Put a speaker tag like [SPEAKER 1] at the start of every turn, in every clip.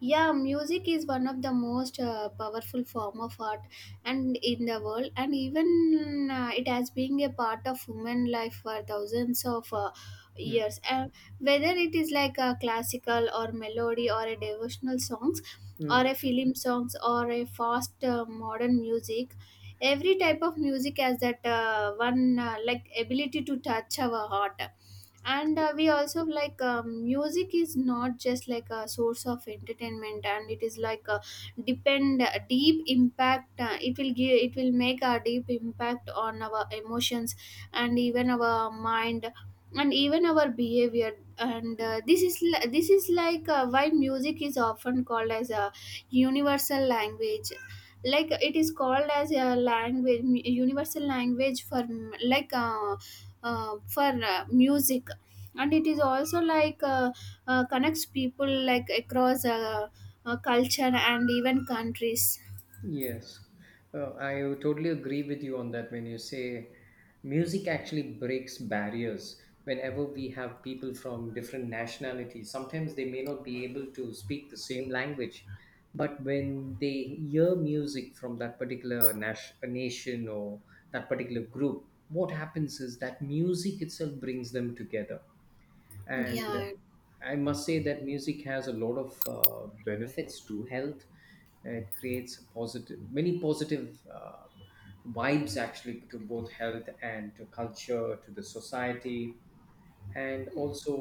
[SPEAKER 1] Yeah, music is one of the most powerful form of art and in the world, and even it has been a part of human life for thousands of
[SPEAKER 2] Mm,
[SPEAKER 1] years, and whether it is like a classical or melody or a devotional songs or
[SPEAKER 2] mm,
[SPEAKER 1] a film songs or a fast modern music. Every type of music has that one like ability to touch our heart. And we also like music is not just like a source of entertainment, and it is like a deep impact, it will make a deep impact on our emotions and even our mind and even our behavior. And this is like why music is often called as a universal language. Like it is called as a language universal language for like, for music. And it is also like connects people like across culture and even countries.
[SPEAKER 2] yes, I totally agree with you on that when you say music actually breaks barriers. Whenever we have people from different nationalities, sometimes they may not be able to speak the same language, but when they hear music from that particular nation or that particular group, what happens is that music itself brings them together, and
[SPEAKER 1] Yeah.
[SPEAKER 2] I must say that music has a lot of benefits to health. It creates positive many positive vibes actually, to both health and to culture, to the society, and also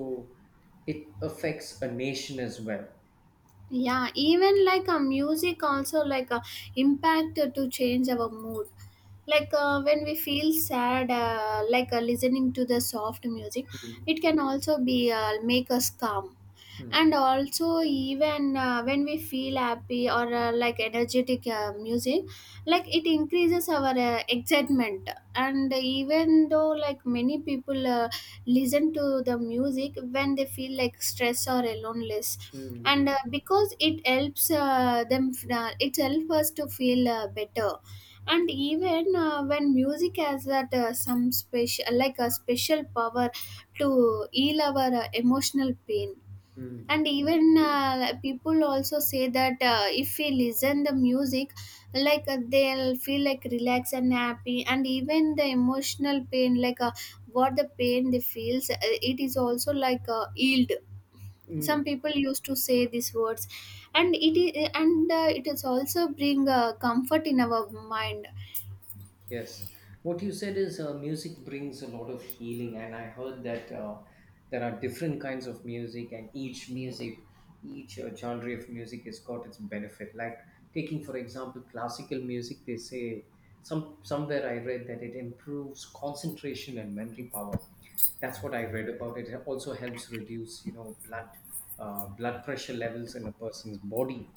[SPEAKER 2] it affects a nation as well.
[SPEAKER 1] Yeah, even like a music also like a impact to change our mood. Like when we feel sad like listening to the soft music,
[SPEAKER 2] Mm,
[SPEAKER 1] it can also be make us calm.
[SPEAKER 2] mm,
[SPEAKER 1] And also even when we feel happy or like energetic music, like it increases our excitement. And even though like many people listen to the music when they feel like stress or aloneness,
[SPEAKER 2] mm,
[SPEAKER 1] and because it helps us to feel better. And even when music has that some special like a special power to heal our emotional pain.
[SPEAKER 2] mm,
[SPEAKER 1] And even like, people also say that if we listen the music, like they'll feel like relaxed and happy, and even the emotional pain, like what the pain they feels, it is also like healed. Some
[SPEAKER 2] mm.
[SPEAKER 1] people used to say these words, and it is also bring comfort in our mind.
[SPEAKER 2] Yes, what you said is, music brings a lot of healing, and I heard that there are different kinds of music, and each genre of music has got its benefit. Like taking, for example, classical music, they say somewhere I read that it improves concentration and memory power. That's what I read about it. It also helps reduce, you know, blood pressure levels in a person's body.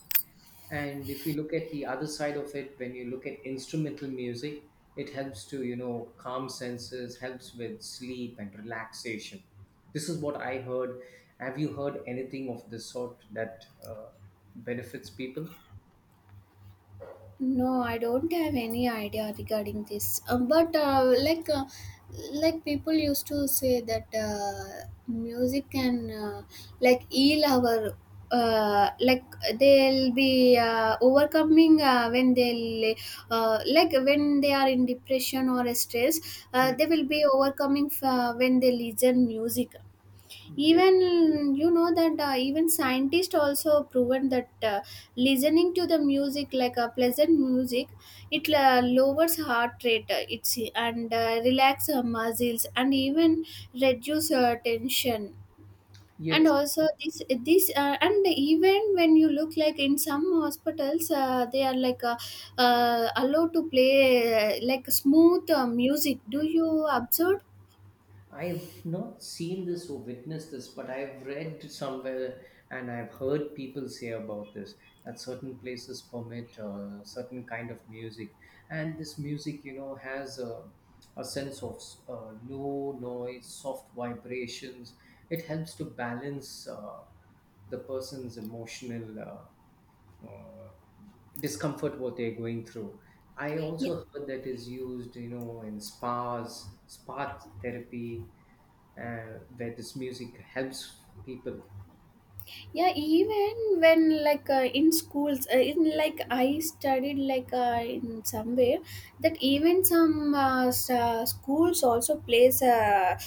[SPEAKER 2] And if you look at the other side of it, when you look at instrumental music, it helps to, you know, calm senses, helps with sleep and relaxation. This is what I heard. Have you heard anything of this sort that benefits people?
[SPEAKER 1] No, I don't have any idea regarding this. But like people used to say that music can like heal our, like they'll be overcoming when they'll, like when they are in depression or stress.
[SPEAKER 2] Mm.
[SPEAKER 1] They will be overcoming when they listen music.
[SPEAKER 2] Yeah
[SPEAKER 1] Even you know that even scientists also proven that listening to the music, like a pleasant music, it lowers heart rate, it's and relax muscles and even reduce tension. And
[SPEAKER 2] Yes,
[SPEAKER 1] also, this and even when you look like in some hospitals, they are like allowed to play like smooth music. Do you observe?
[SPEAKER 2] I've not seen this or witnessed this, but I've read somewhere and I've heard people say about this, that certain places permit certain kind of music, and this music, you know, has a sense of low noise, soft vibrations. It helps to balance the person's emotional uh, uh, discomfort what they're going through. I also heard that is used, you know, in spas, spa therapy, where this music helps people.
[SPEAKER 1] Yeah, even when like in schools, in like I studied like in somewhere that even some schools also plays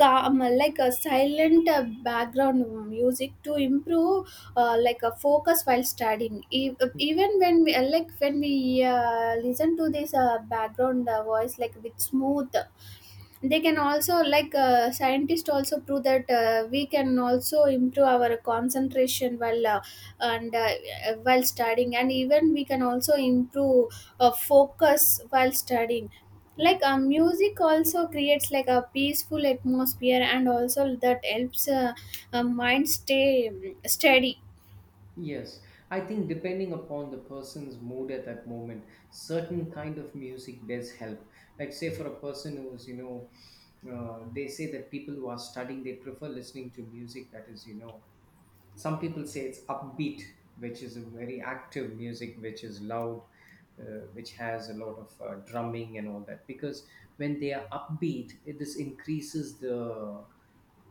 [SPEAKER 1] calm like a silent background music to improve like a focus while studying. Even when we like when we listen to this background voice like with smooth, they can also like scientists also prove that we can also improve our concentration, and uh, while studying, and even we can also improve focus while studying.
[SPEAKER 2] Mm.
[SPEAKER 1] Like music also creates like a peaceful atmosphere, and also that helps mind stay steady.
[SPEAKER 2] Yes, I think depending upon the person's mood at that moment, certain kind of music does help. Like say, for a person who's, you know, they say that people who are studying, they prefer listening to music that is, you know, some people say it's upbeat, which is a very active music, which is loud, which has a lot of drumming and all that, because when they are upbeat it, this increases the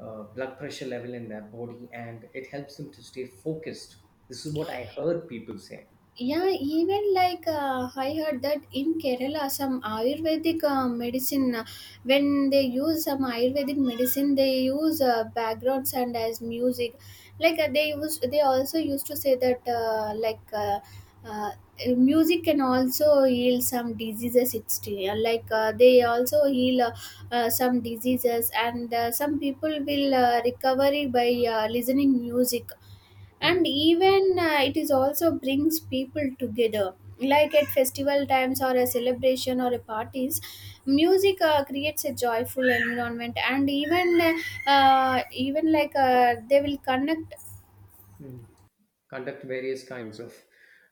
[SPEAKER 2] blood pressure level in their body, and it helps them to stay focused. This is what I heard people say.
[SPEAKER 1] Yeah, even like I heard that in Kerala, some Ayurvedic medicine, when they use some Ayurvedic medicine, they use backgrounds and as music. Like they also used to say that like uh, music can also heal some diseases. Like they also heal some diseases, and some people will recovery by listening music. And
[SPEAKER 2] Hmm.
[SPEAKER 1] even it is also brings people together, like at festival times or a celebration or a parties. Music creates a joyful environment, and even like they will connect.
[SPEAKER 2] Hmm. Conduct various kinds of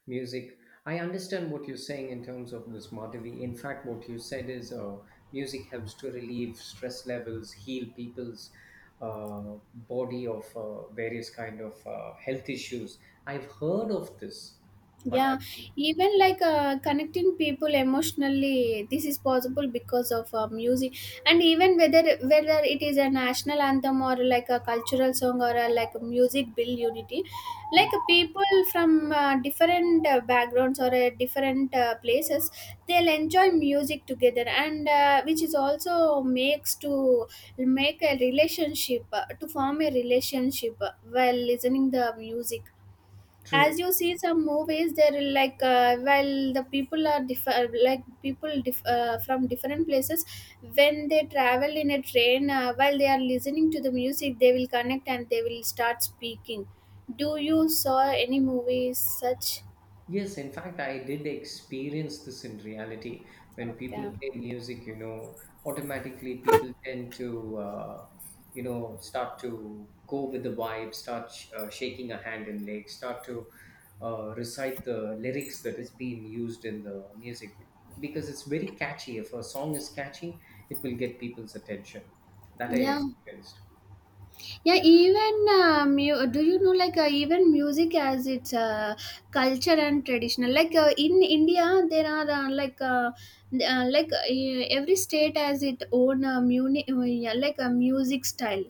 [SPEAKER 2] music. I understand what you're saying in terms of this, Madhavi. In fact, what you said is, music helps to relieve stress levels, heal people's body of various kind of health issues. I've heard of this, but
[SPEAKER 1] Yeah,
[SPEAKER 2] I
[SPEAKER 1] even like connecting people emotionally, this is possible because of music, and even whether it is a national anthem or like a cultural song like a music build unity,
[SPEAKER 2] Mm.
[SPEAKER 1] like people from different backgrounds or different places, they'll enjoy music together, and which is also makes to form a relationship while listening the music.
[SPEAKER 2] True.
[SPEAKER 1] As you see some movies, they're like while the people are differ like people diff from different places, when they travel in a train, while they are listening to the music, they will connect and they will start speaking. Do you saw any movies such?
[SPEAKER 2] Yes, in fact, I did experience this in reality. When people
[SPEAKER 1] Okay.
[SPEAKER 2] play music, you know, automatically people tend to, you know, start to go with the vibe, start shaking a hand and leg, start to recite the lyrics that is being used in the music, because it's very catchy. If a song is catchy, it will get people's attention. That I
[SPEAKER 1] Yeah.
[SPEAKER 2] experienced.
[SPEAKER 1] Yeah, even do you know like even music as its culture and traditional, like in India there are like every state has its own yeah, like a music style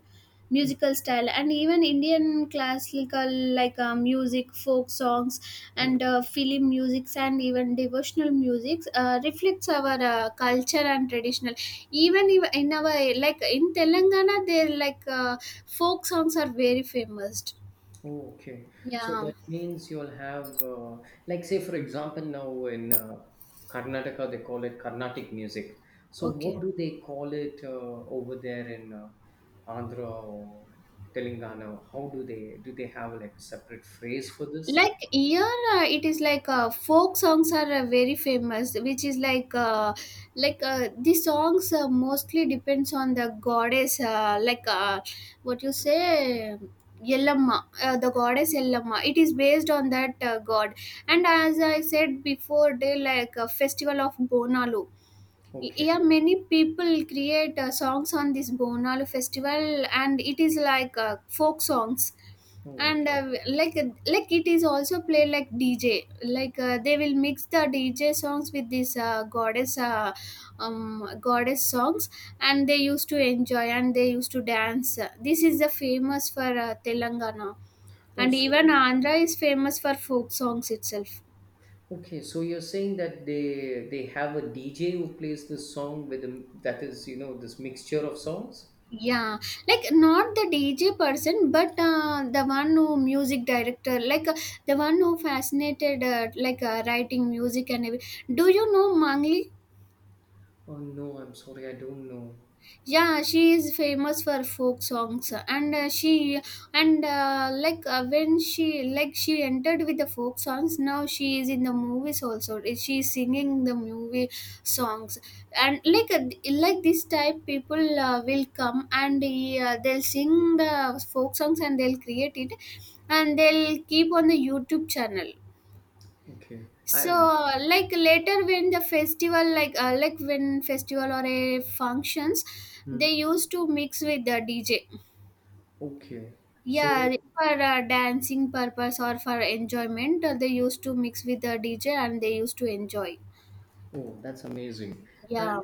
[SPEAKER 1] musical style, and even Indian classical, like music, folk songs, and film musics, and even devotional musics reflects our culture and traditional, even in our, like in Telangana, there like folk songs are very famous.
[SPEAKER 2] Oh, okay. So
[SPEAKER 1] Yeah.
[SPEAKER 2] that means you'll have, like, say, for example, now in Karnataka, they call it Carnatic music. So
[SPEAKER 1] Okay.
[SPEAKER 2] what do they call it over there in Andhra or Telangana? How do they, do they have like a separate phrase for this?
[SPEAKER 1] Like here, it is like folk songs are very famous, which is like the songs mostly depends on the goddess, like what you say, Yellamma, the goddess Yellamma. It is based on that god, and as I said before, they like a festival of Bonalu. Yeah,
[SPEAKER 2] Okay.
[SPEAKER 1] many people create songs on this Bonalu festival, and it is like folk songs.
[SPEAKER 2] Oh,
[SPEAKER 1] And
[SPEAKER 2] okay.
[SPEAKER 1] like like it is also played like DJ, like they will mix the DJ songs with this goddess songs, and they used to enjoy and they used to dance. This is the famous for Telangana,
[SPEAKER 2] Oh,
[SPEAKER 1] and
[SPEAKER 2] so
[SPEAKER 1] even
[SPEAKER 2] you-
[SPEAKER 1] Andhra is famous for folk songs itself.
[SPEAKER 2] okay. So you're saying that they have a DJ who plays this song with them, that is, you know, this mixture of songs?
[SPEAKER 1] Yeah, like not the DJ person, but the one who music director, like the one who fascinated like writing music, and do you know Mangli?
[SPEAKER 2] Oh no, I'm sorry, I don't know.
[SPEAKER 1] Yeah, she is famous for folk songs, and she and like when she, like she entered with the folk songs. Now she is in the movies also, she is singing the movie songs. And like this type people will come, and they'll sing the folk songs and they'll create it, and they'll keep on the YouTube channel.
[SPEAKER 2] Okay.
[SPEAKER 1] So,
[SPEAKER 2] I'm.
[SPEAKER 1] like later when the festival, like when festival or a functions, they used to mix with the DJ.
[SPEAKER 2] Okay.
[SPEAKER 1] Yeah,
[SPEAKER 2] So,
[SPEAKER 1] for dancing purpose or for enjoyment, they used to mix with the DJ and they used to enjoy.
[SPEAKER 2] oh, that's amazing.
[SPEAKER 1] Yeah,
[SPEAKER 2] And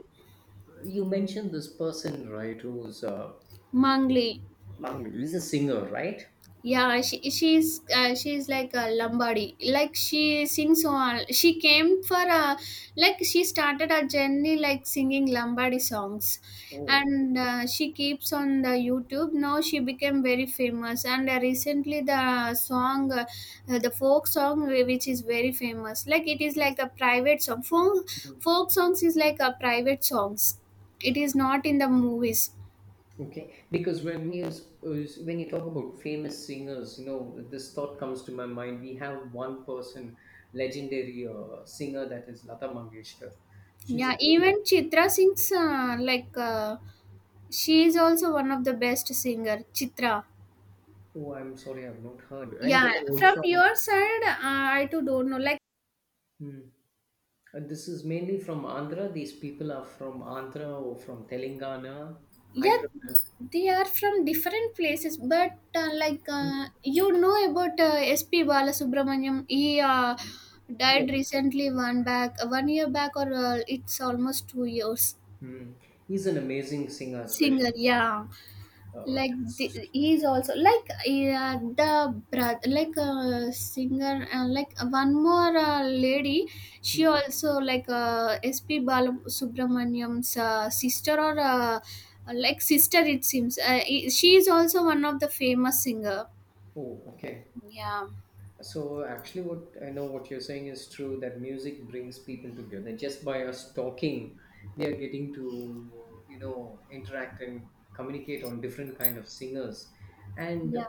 [SPEAKER 2] you mentioned this person, right, who's
[SPEAKER 1] Mangli.
[SPEAKER 2] Mang- he's a singer, right?
[SPEAKER 1] Yeah, she's like a Lombardi, like she sings all, she came for a, like she started her journey like singing Lombardi songs.
[SPEAKER 2] Oh,
[SPEAKER 1] And she keeps on the YouTube, now she became very famous. And recently the song, the folk song, which is very famous, like it is like a private song, folk,
[SPEAKER 2] mhm.
[SPEAKER 1] folk songs is like a private songs, it is not in the movies.
[SPEAKER 2] Okay. Because when you when you talk about famous singers, you know, this thought comes to my mind. We have one person, legendary singer, that is Lata Mangeshkar. She's a
[SPEAKER 1] Yeah,
[SPEAKER 2] very,
[SPEAKER 1] even Chitra sings like she is also one of the best singer. Chitra.
[SPEAKER 2] oh, I'm sorry, I've not heard. And they
[SPEAKER 1] Yeah,
[SPEAKER 2] are all
[SPEAKER 1] from
[SPEAKER 2] from.
[SPEAKER 1] your side, I too don't know. Like,
[SPEAKER 2] Hmm, and this is mainly from Andhra. These people are from Andhra or from Telangana,
[SPEAKER 1] yeah,
[SPEAKER 2] Hyderabad.
[SPEAKER 1] they are from different places, but like
[SPEAKER 2] Mm,
[SPEAKER 1] you know about S.P. Balasubramaniam. He
[SPEAKER 2] yeah.
[SPEAKER 1] died recently, 1 year back, or it's almost 2 years.
[SPEAKER 2] Mm. He's an amazing singer, especially.
[SPEAKER 1] Singer, yeah. Like
[SPEAKER 2] It's-
[SPEAKER 1] he's also like the brother, like singer, like one more lady, she
[SPEAKER 2] mm.
[SPEAKER 1] also like SP Balam, sister or like sister it seems, she is also one of the famous singer.
[SPEAKER 2] Oh, okay.
[SPEAKER 1] Yeah.
[SPEAKER 2] So actually, what I know what you're saying is true, that music brings people together. Just by us talking, we are getting to, you know, interact and communicate on different kind of singers, and
[SPEAKER 1] Yeah.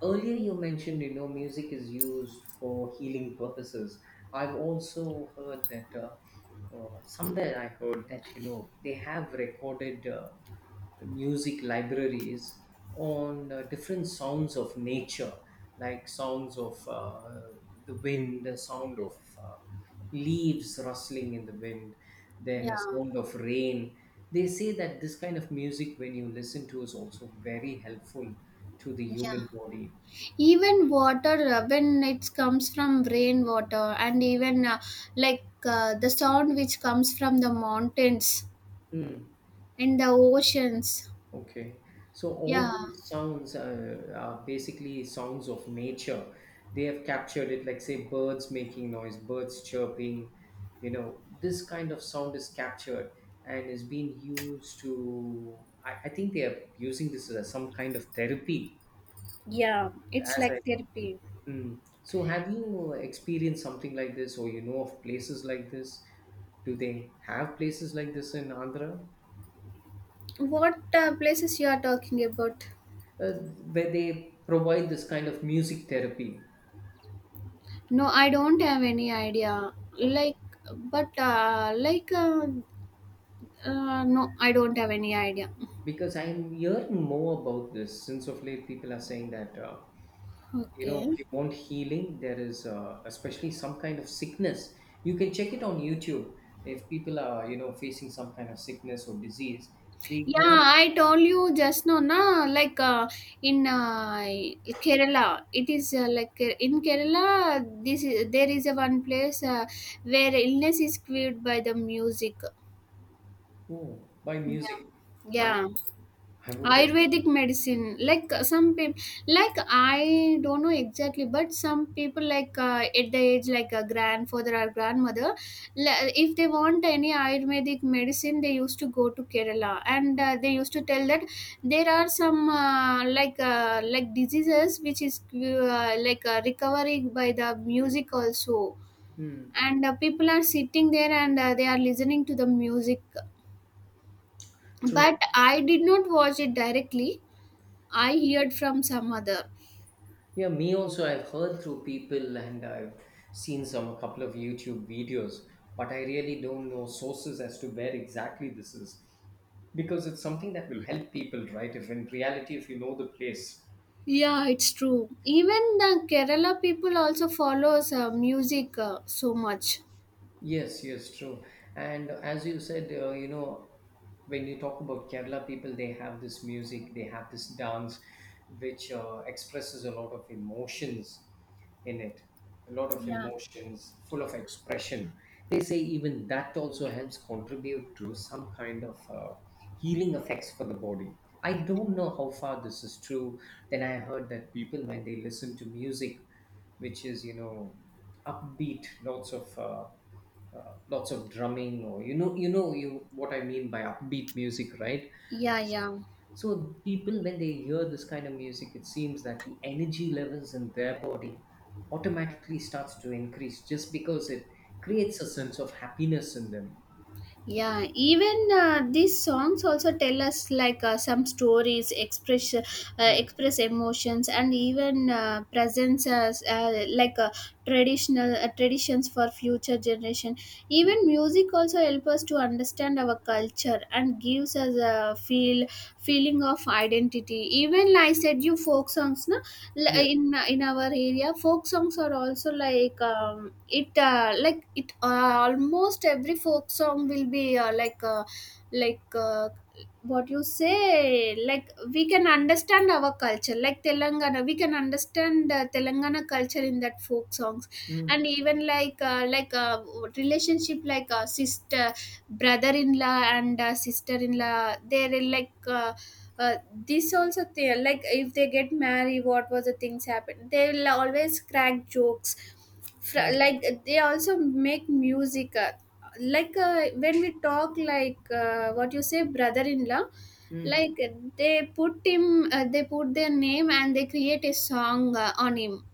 [SPEAKER 2] earlier, you mentioned, you know, music is used for healing purposes. I've also heard that somewhere I heard that, you know, they have recorded music libraries on different sounds of nature, like sounds of the wind, the sound of leaves rustling in the wind, then a
[SPEAKER 1] Yeah.
[SPEAKER 2] sound of rain. They say that this kind of music, when you listen to, is also very helpful to the
[SPEAKER 1] Yeah,
[SPEAKER 2] human body.
[SPEAKER 1] even water, when it comes from rainwater, and even like the sound which comes from the mountains,
[SPEAKER 2] Hmm.
[SPEAKER 1] and the oceans.
[SPEAKER 2] Okay. So all
[SPEAKER 1] Yeah.
[SPEAKER 2] these sounds are basically sounds of nature. They have captured it, like say birds making noise, birds chirping. You know, this kind of sound is captured and is being used to. I think they are using this as some kind of therapy. As I, mm. So have you experienced something like this, or you know of places like this? Do they have places like this in Andhra?
[SPEAKER 1] What places you are talking about?
[SPEAKER 2] uh, where they provide this kind of music therapy.
[SPEAKER 1] No, I don't have any idea.
[SPEAKER 2] Okay.
[SPEAKER 1] Like, but like, no, I don't have any idea.
[SPEAKER 2] Because I'm hearing more about this since of late, people are saying that, you know,
[SPEAKER 1] Okay.
[SPEAKER 2] if you want healing, there is especially some kind of sickness. You can check it on YouTube. If people are, you know, facing some kind of sickness or disease, they
[SPEAKER 1] Yeah,
[SPEAKER 2] go,
[SPEAKER 1] I told you just now, na, like in Kerala, it is like in Kerala, there is a one place where illness is cured by the music.
[SPEAKER 2] oh, by
[SPEAKER 1] Yeah,
[SPEAKER 2] music. I,
[SPEAKER 1] yeah.
[SPEAKER 2] I would definitely.
[SPEAKER 1] Ayurvedic medicine, like some people, like I don't know exactly, but some people like at the age, like a grandfather or grandmother, if they want any Ayurvedic medicine, they used to go to Kerala, and they used to tell that there are some like diseases which is like recovering by the music also,
[SPEAKER 2] Hmm,
[SPEAKER 1] and people are sitting there and they are listening to the music,
[SPEAKER 2] true.
[SPEAKER 1] but I did not watch it directly. I heard from some other.
[SPEAKER 2] Yeah, me also. I've heard through people and I've seen some couple of YouTube videos, but I really don't know sources as to where exactly this is, because it's something that will help people, right? If in reality, if you know the place,
[SPEAKER 1] Yeah, it's true. Even the Kerala people also follows music so much.
[SPEAKER 2] yes, yes, true. And as you said, you know, when you talk about Kerala people, they have this music, they have this dance, which expresses a lot of emotions in it, a lot of emotions, full of expression. They say even that also helps contribute to some kind of healing effects for the body. I don't know how far this is true. Then I heard that people, when they listen to music, which is, you know, upbeat, lots of drumming, or you know, you know you what I mean by upbeat music, right?
[SPEAKER 1] Yeah, yeah.
[SPEAKER 2] So people, when they hear this kind of music, it seems that the energy levels in their body automatically starts to increase, just because it creates a sense of happiness in them.
[SPEAKER 1] Yeah, even these songs also tell us like some stories, express uh,
[SPEAKER 2] mm.
[SPEAKER 1] express emotions, and even presents as traditional traditions for future generation.
[SPEAKER 2] Mm.
[SPEAKER 1] Even music also help us to understand our culture and gives us a feeling of identity. Even I said you folk songs, no. L-
[SPEAKER 2] Yes.
[SPEAKER 1] in in our area folk songs are also like it like it almost every folk song will be like uh, what you say like we can understand our culture, like Telangana. We can understand Telangana culture in that folk songs. And
[SPEAKER 2] mm.
[SPEAKER 1] even relationship like sister, brother-in-law and sister-in-law. They're like uh, uh, this also, they like if they get married, what was the things happen, they will always crack jokes.
[SPEAKER 2] Oh.
[SPEAKER 1] Like they also make music, when we talk like what you say brother-in-law,
[SPEAKER 2] mm.
[SPEAKER 1] like they put him, they put their name and they create a song on him.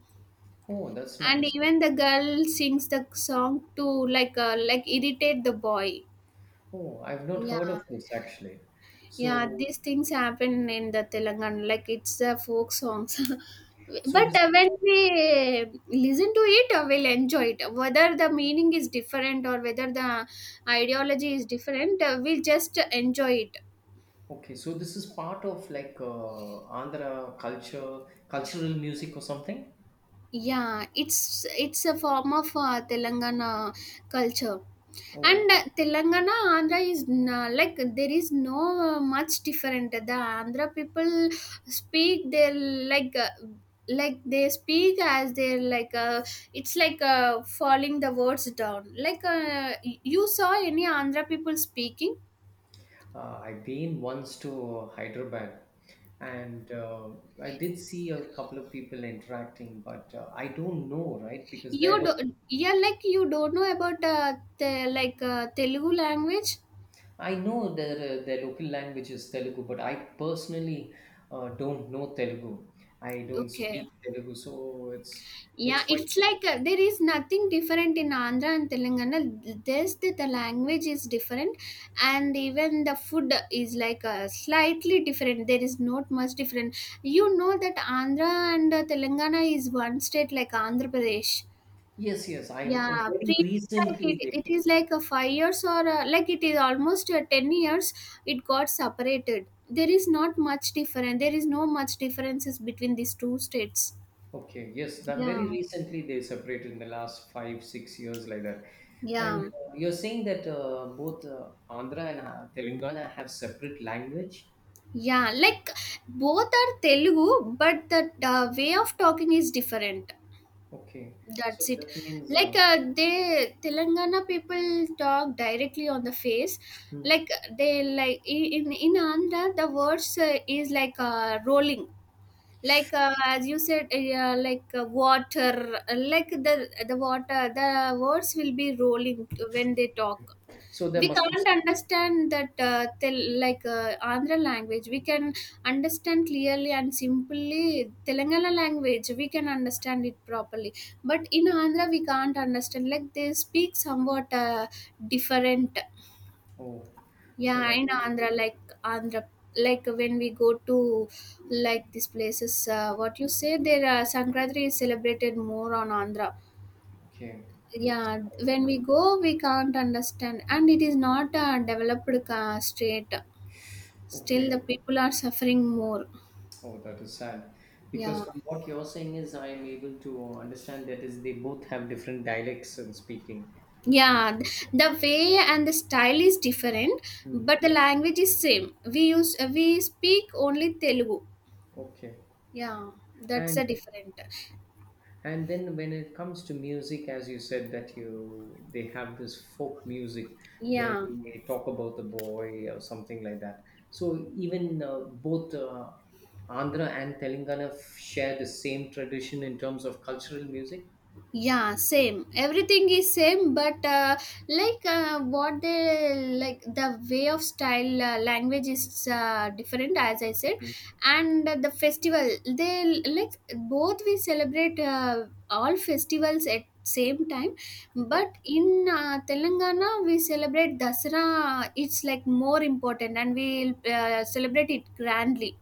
[SPEAKER 2] Oh, that's
[SPEAKER 1] And
[SPEAKER 2] nice.
[SPEAKER 1] even the girl sings the song to like irritate the boy.
[SPEAKER 2] Oh, I've not heard
[SPEAKER 1] Yeah,
[SPEAKER 2] of this actually.
[SPEAKER 1] yeah,
[SPEAKER 2] So
[SPEAKER 1] these things happen in the Telangana, like it's the folk songs.
[SPEAKER 2] so
[SPEAKER 1] But
[SPEAKER 2] this.
[SPEAKER 1] when we listen to it, we'll enjoy it whether the meaning is different or whether the ideology is different. We'll just enjoy it.
[SPEAKER 2] Okay, so this is part of like, Andhra culture cultural music, or something.
[SPEAKER 1] Yeah, it's a form of Telangana culture,
[SPEAKER 2] Oh,
[SPEAKER 1] and Telangana Andhra is like there is no much different. The Andhra people speak their, like they speak as they're, like it's like falling the words down. Like you saw any Andhra people speaking,
[SPEAKER 2] I've been once to Hyderabad, and I did see a couple of people interacting, but I don't know, right? Because
[SPEAKER 1] you
[SPEAKER 2] their
[SPEAKER 1] do,
[SPEAKER 2] local,
[SPEAKER 1] yeah, like you don't know about the like Telugu language.
[SPEAKER 2] I know their local language is Telugu, but I personally don't know Telugu. I don't
[SPEAKER 1] Okay.
[SPEAKER 2] speak Telugu, so
[SPEAKER 1] Yeah,
[SPEAKER 2] it's quite
[SPEAKER 1] it's like there is nothing different in Andhra and Telangana. Just that the language is different, and even the food is like slightly different. There is not much different. You know that Andhra and Telangana is one state, like Andhra Pradesh.
[SPEAKER 2] yes, yes. I
[SPEAKER 1] Yeah,
[SPEAKER 2] very
[SPEAKER 1] pre like it,
[SPEAKER 2] recently
[SPEAKER 1] it
[SPEAKER 2] there.
[SPEAKER 1] is like a 5 years, or like it is almost 10 years. It got separated. There is not much different. There is no much differences between these two states.
[SPEAKER 2] Okay, yes, that
[SPEAKER 1] Yeah,
[SPEAKER 2] very recently they separated in the last five, 6 years like that. And
[SPEAKER 1] yeah.
[SPEAKER 2] you're saying that both Andhra and Telangana have separate language?
[SPEAKER 1] Yeah, like both are Telugu, but the way of talking is different.
[SPEAKER 2] Okay,
[SPEAKER 1] That's
[SPEAKER 2] so
[SPEAKER 1] it.
[SPEAKER 2] that means,
[SPEAKER 1] Like they Telangana people talk directly on the face.
[SPEAKER 2] hmm.
[SPEAKER 1] Like they in Andhra, the words is like rolling. Like as you said, yeah, like water, like the water, the words will be rolling when they talk.
[SPEAKER 2] So there
[SPEAKER 1] We
[SPEAKER 2] must be,
[SPEAKER 1] can't understand that Andhra language. We can understand clearly and simply Telangana language. We can understand it properly, but in Andhra we can't understand. Like they speak somewhat different.
[SPEAKER 2] oh, so
[SPEAKER 1] Yeah,
[SPEAKER 2] that,
[SPEAKER 1] in Andhra, like when we go to like these places, what you say, their Sankranti is celebrated more on Andhra.
[SPEAKER 2] okay.
[SPEAKER 1] Yeah, when
[SPEAKER 2] So,
[SPEAKER 1] we go we can't understand, and it is not a developed state. Still the
[SPEAKER 2] okay,
[SPEAKER 1] people are suffering more.
[SPEAKER 2] oh, that is sad. Because
[SPEAKER 1] Yeah,
[SPEAKER 2] from what you're saying is, I am able to understand that is, they both have different dialects in speaking.
[SPEAKER 1] yeah, the way and the style is different,
[SPEAKER 2] Hmm.
[SPEAKER 1] but the language is same, we speak only Telugu.
[SPEAKER 2] Okay.
[SPEAKER 1] Yeah, that's
[SPEAKER 2] And
[SPEAKER 1] a different.
[SPEAKER 2] and then when it comes to music, as you said that you, they have this folk music where
[SPEAKER 1] Yeah,
[SPEAKER 2] they talk about the boy or something like that, so even both Andhra and Telangana f- share the same tradition in terms of cultural music.
[SPEAKER 1] yeah, same, everything is same, but what they like the way of style, language is different, as I said.
[SPEAKER 2] Mm.
[SPEAKER 1] And the festival, they like both, we celebrate all festivals at same time,
[SPEAKER 2] Okay.
[SPEAKER 1] but in Telangana we celebrate Dasara. It's like more important, and we celebrate it grandly.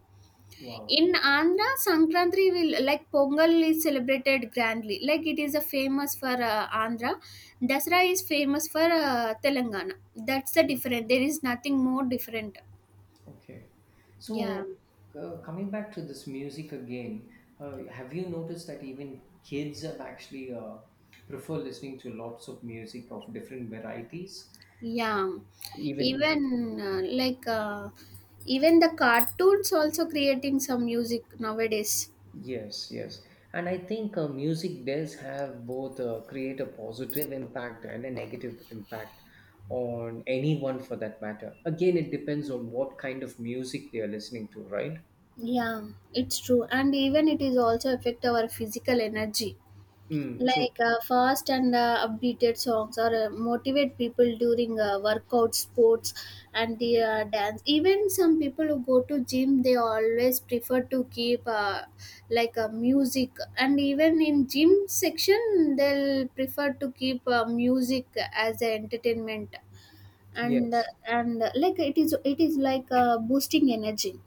[SPEAKER 2] Wow.
[SPEAKER 1] In Andhra, Sankranti will like Pongal is celebrated grandly. Like it is a famous for Andhra. Dasra is famous for Telangana. That's the
[SPEAKER 2] Mm.
[SPEAKER 1] different. There is nothing more different.
[SPEAKER 2] Okay,
[SPEAKER 1] Yeah,
[SPEAKER 2] so coming back to this music again, have you noticed that even kids have actually prefer listening to lots of music of different varieties,
[SPEAKER 1] yeah.
[SPEAKER 2] even
[SPEAKER 1] Even uh, like uh, Even the cartoons also creating some music nowadays.
[SPEAKER 2] yes, yes. And I think music does have both, create a positive impact and a negative impact on anyone for that matter. Again, it depends on what kind of music they are listening to, right?
[SPEAKER 1] Yeah, it's true. And even it is also affect our physical energy.
[SPEAKER 2] Mm, true.
[SPEAKER 1] Like fast and updated songs or motivate people during workout, sports, and the
[SPEAKER 2] Yes.
[SPEAKER 1] dance. Even some people who go to gym, they always prefer to keep music. And even in gym section, they'll prefer to keep music as a entertainment. And uh,
[SPEAKER 2] Yes.
[SPEAKER 1] and uh, like it is like boosting energy.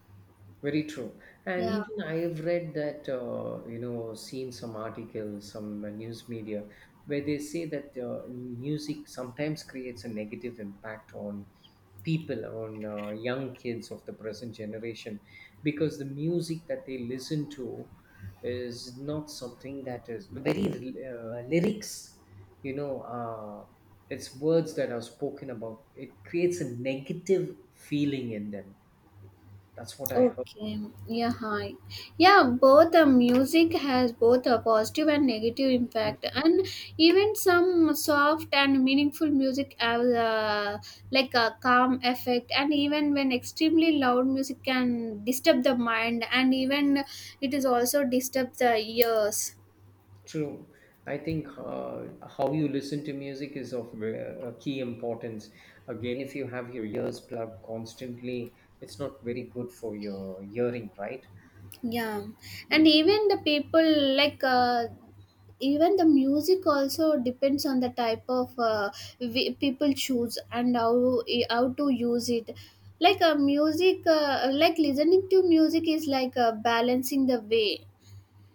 [SPEAKER 2] Very true. And
[SPEAKER 1] Yeah.
[SPEAKER 2] even I've read that, you know, seen some articles, some news media, where they say that music sometimes creates a negative impact on people, on young kids of the present generation, because the music that they listen to is not something that is very lyrics, you know, uh, it's words that are spoken about. It creates a negative feeling in them. That's what I heard.
[SPEAKER 1] Okay, yeah, hi. Yeah, both the music has both a positive and negative impact, and even some soft and meaningful music have like a calm effect, and even when extremely loud music can disturb the mind, and even it is also disturb the ears.
[SPEAKER 2] True. I think how you listen to music is of a key importance. Again, if you have your ears plugged constantly, it's not very good for your hearing, right?
[SPEAKER 1] Yeah, and
[SPEAKER 2] Be-
[SPEAKER 1] even the people like even the music also depends on the type of people choose and how to use it. Like a music like listening to music is like balancing the way,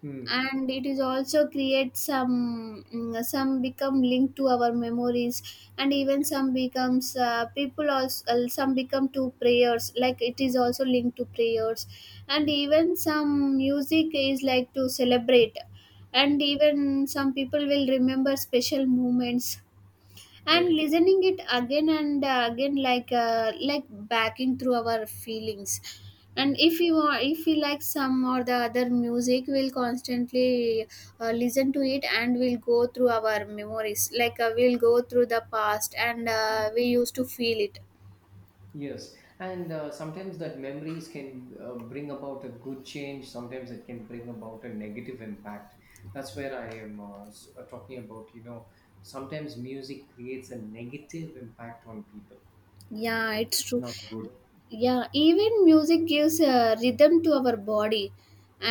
[SPEAKER 2] mm,
[SPEAKER 1] and it is also create some become linked to our memories, and even some becomes, people also, some become to prayers, like it is also linked to prayers, and
[SPEAKER 2] mm,
[SPEAKER 1] even some music is like to celebrate,
[SPEAKER 2] mm,
[SPEAKER 1] and even some people will remember special moments and
[SPEAKER 2] very.
[SPEAKER 1] listening it again and again, like backing through our feelings. And
[SPEAKER 2] Mm.
[SPEAKER 1] if you are if we like some or the other music, we'll constantly listen to it, and we'll go through our memories, like we'll go through the past, and we used to feel it.
[SPEAKER 2] Yes, and sometimes that memories can bring about a good change. Sometimes it can bring about a negative impact. That's where I am talking about. Sometimes music creates a negative impact on people.
[SPEAKER 1] Yeah, it's
[SPEAKER 2] It's
[SPEAKER 1] true.
[SPEAKER 2] not good.
[SPEAKER 1] Yeah, even music gives rhythm to our body,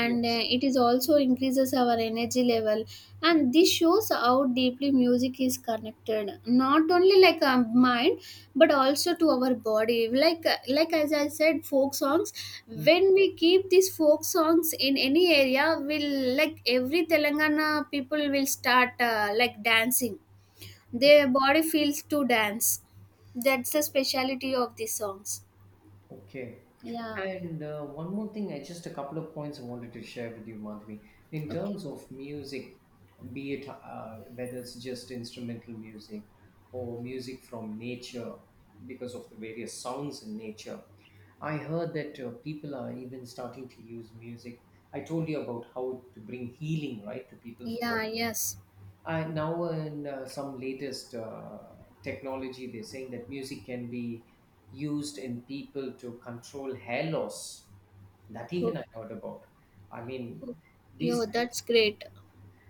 [SPEAKER 1] and
[SPEAKER 2] Yes.
[SPEAKER 1] it is also increases our energy level, and this shows how deeply music is connected not only like our mind but also to our body, like as I said, folk songs,
[SPEAKER 2] Hmm.
[SPEAKER 1] when we keep these folk songs in any area will, like, every Telangana people will start dancing.
[SPEAKER 2] O-
[SPEAKER 1] Their body feels to dance. That's the speciality of these songs.
[SPEAKER 2] Okay.
[SPEAKER 1] Yeah.
[SPEAKER 2] And one more thing, I just a couple of points I wanted to share with you, Madhvi. In
[SPEAKER 1] Okay.
[SPEAKER 2] terms of music, be it whether it's just instrumental music or music from nature, because of the various sounds in nature, I heard that people are even starting to use music. I told you about how to bring healing, right, to people's
[SPEAKER 1] Yeah,
[SPEAKER 2] body.
[SPEAKER 1] yes.
[SPEAKER 2] Now, in some latest technology, they're saying that music can be used in people to control hair loss. That
[SPEAKER 1] Oh,
[SPEAKER 2] even I heard about. I mean,
[SPEAKER 1] oh,
[SPEAKER 2] these
[SPEAKER 1] yo, that's great.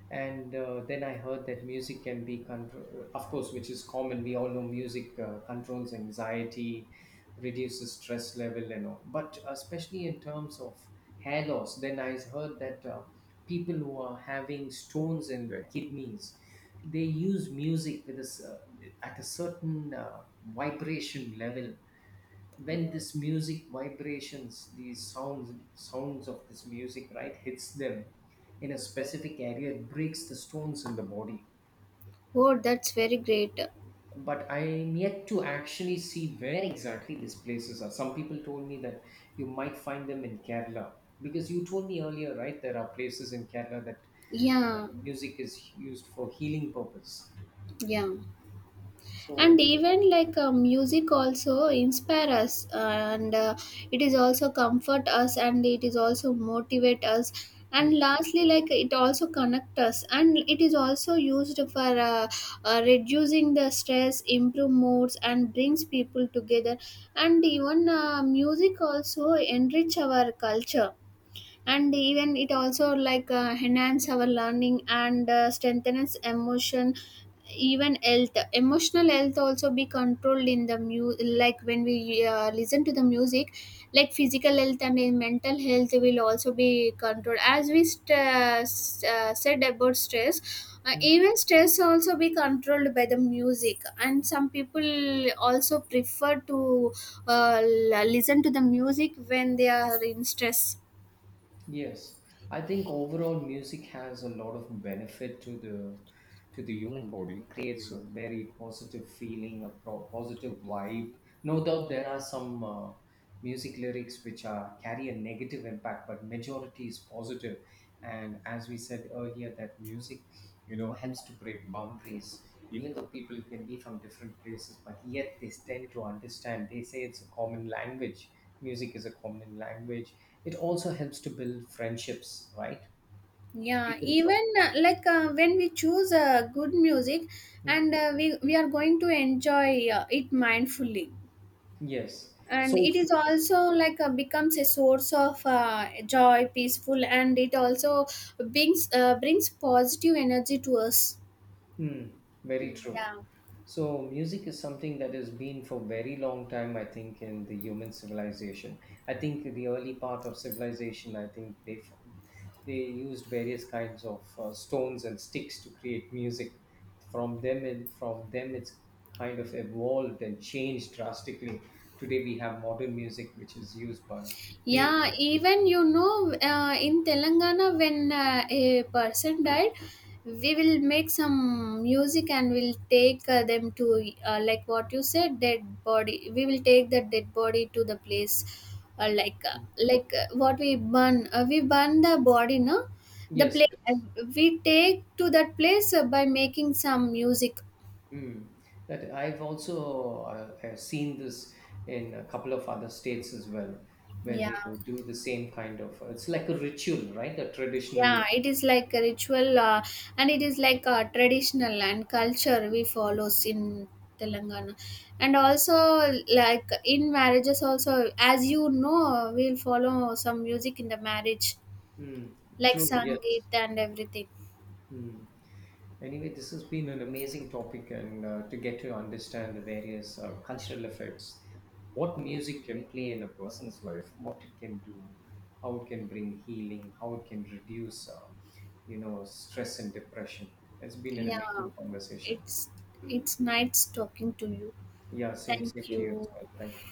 [SPEAKER 2] and then I heard that music can be control, of course, which is common. We all know music controls anxiety, reduces stress level and all, but especially in terms of hair loss, then I heard that people who are having stones in, right, kidneys, they use music with a, at a certain vibration level.
[SPEAKER 1] Uh,
[SPEAKER 2] When this music vibrations, these sounds, sounds of this music, right, hits them in a specific area, it breaks the stones in the body.
[SPEAKER 1] Oh, that's very great.
[SPEAKER 2] But I'm yet to actually see where exactly these places are. Some people told me that you might find them in Kerala, because you told me earlier, right, there are places in Kerala that
[SPEAKER 1] Yeah,
[SPEAKER 2] music is used for healing purpose.
[SPEAKER 1] yeah. And
[SPEAKER 2] So
[SPEAKER 1] even music also inspire us, and it is also comfort us, and it is also motivate us,
[SPEAKER 2] mm,
[SPEAKER 1] and lastly, like it also connect us, and it is also used for reducing the stress, improve moods, and brings people together. And even music also enrich our culture, and even it also like enhance our learning and strengthens emotion. Even health emotional health also be controlled in the mu like when we listen to the music, like physical health and mental health will also be controlled, as we said about stress. uh,
[SPEAKER 2] mm.
[SPEAKER 1] even stress also be controlled by the music, and some people also prefer to listen to the music when they are in stress.
[SPEAKER 2] Yes, I think overall music has a lot of benefit to the, to the human body. It creates a very positive feeling, a pro- positive vibe. No doubt there are some music lyrics which are carry a negative impact, but majority is positive. And as we said earlier, that music, helps to break boundaries. Even though people can be from different places, but yet they tend to understand. They say it's a common language. Music is a common language. It also helps to build friendships, right?
[SPEAKER 1] Yeah,
[SPEAKER 2] People from.
[SPEAKER 1] even when we choose good music,
[SPEAKER 2] Mm,
[SPEAKER 1] and we are going to enjoy it mindfully,
[SPEAKER 2] yes,
[SPEAKER 1] and it
[SPEAKER 2] soulful.
[SPEAKER 1] is also like becomes a source of joy, peaceful, and it also brings positive energy to us.
[SPEAKER 2] Hmm, very
[SPEAKER 1] Mm,
[SPEAKER 2] true.
[SPEAKER 1] yeah.
[SPEAKER 2] So music is something that has been for very long time, I think, in the human civilization. I think the early part of civilization, I think they f- they used various kinds of stones and sticks to create music. From them, and from them, it's kind of evolved and changed drastically. Today we have modern music, which is used by made.
[SPEAKER 1] Yeah, even in Telangana, when a person died, we will make some music, and we'll take them to, like what you said, dead body. We will take the dead body to the place, uh, like uh, what we burn. We burn the body, no, the
[SPEAKER 2] Yes,
[SPEAKER 1] place.
[SPEAKER 2] yes.
[SPEAKER 1] We take to that place by making some music.
[SPEAKER 2] Mm. That I've also seen this in a couple of other states as well, where
[SPEAKER 1] Yeah.
[SPEAKER 2] they do the same kind of. It's like a ritual, right? A traditional.
[SPEAKER 1] Yeah, it is like a ritual, and it is like a traditional and culture we follows in Telangana. And also like in marriages also, as you know, we'll follow some music in the marriage,
[SPEAKER 2] Mm.
[SPEAKER 1] like
[SPEAKER 2] True.
[SPEAKER 1] Sangeet
[SPEAKER 2] Yes.
[SPEAKER 1] and everything.
[SPEAKER 2] Mm. Anyway, this has been an amazing topic, and to get to understand the various cultural effects, what music can play in a person's life, what it can do, how it can bring healing, how it can reduce, stress and depression. It's been an
[SPEAKER 1] Yeah,
[SPEAKER 2] amazing conversation.
[SPEAKER 1] it's it's nice talking to you.
[SPEAKER 2] Yeah, same, same
[SPEAKER 1] Thank
[SPEAKER 2] to you as
[SPEAKER 1] you.
[SPEAKER 2] well. Thank you.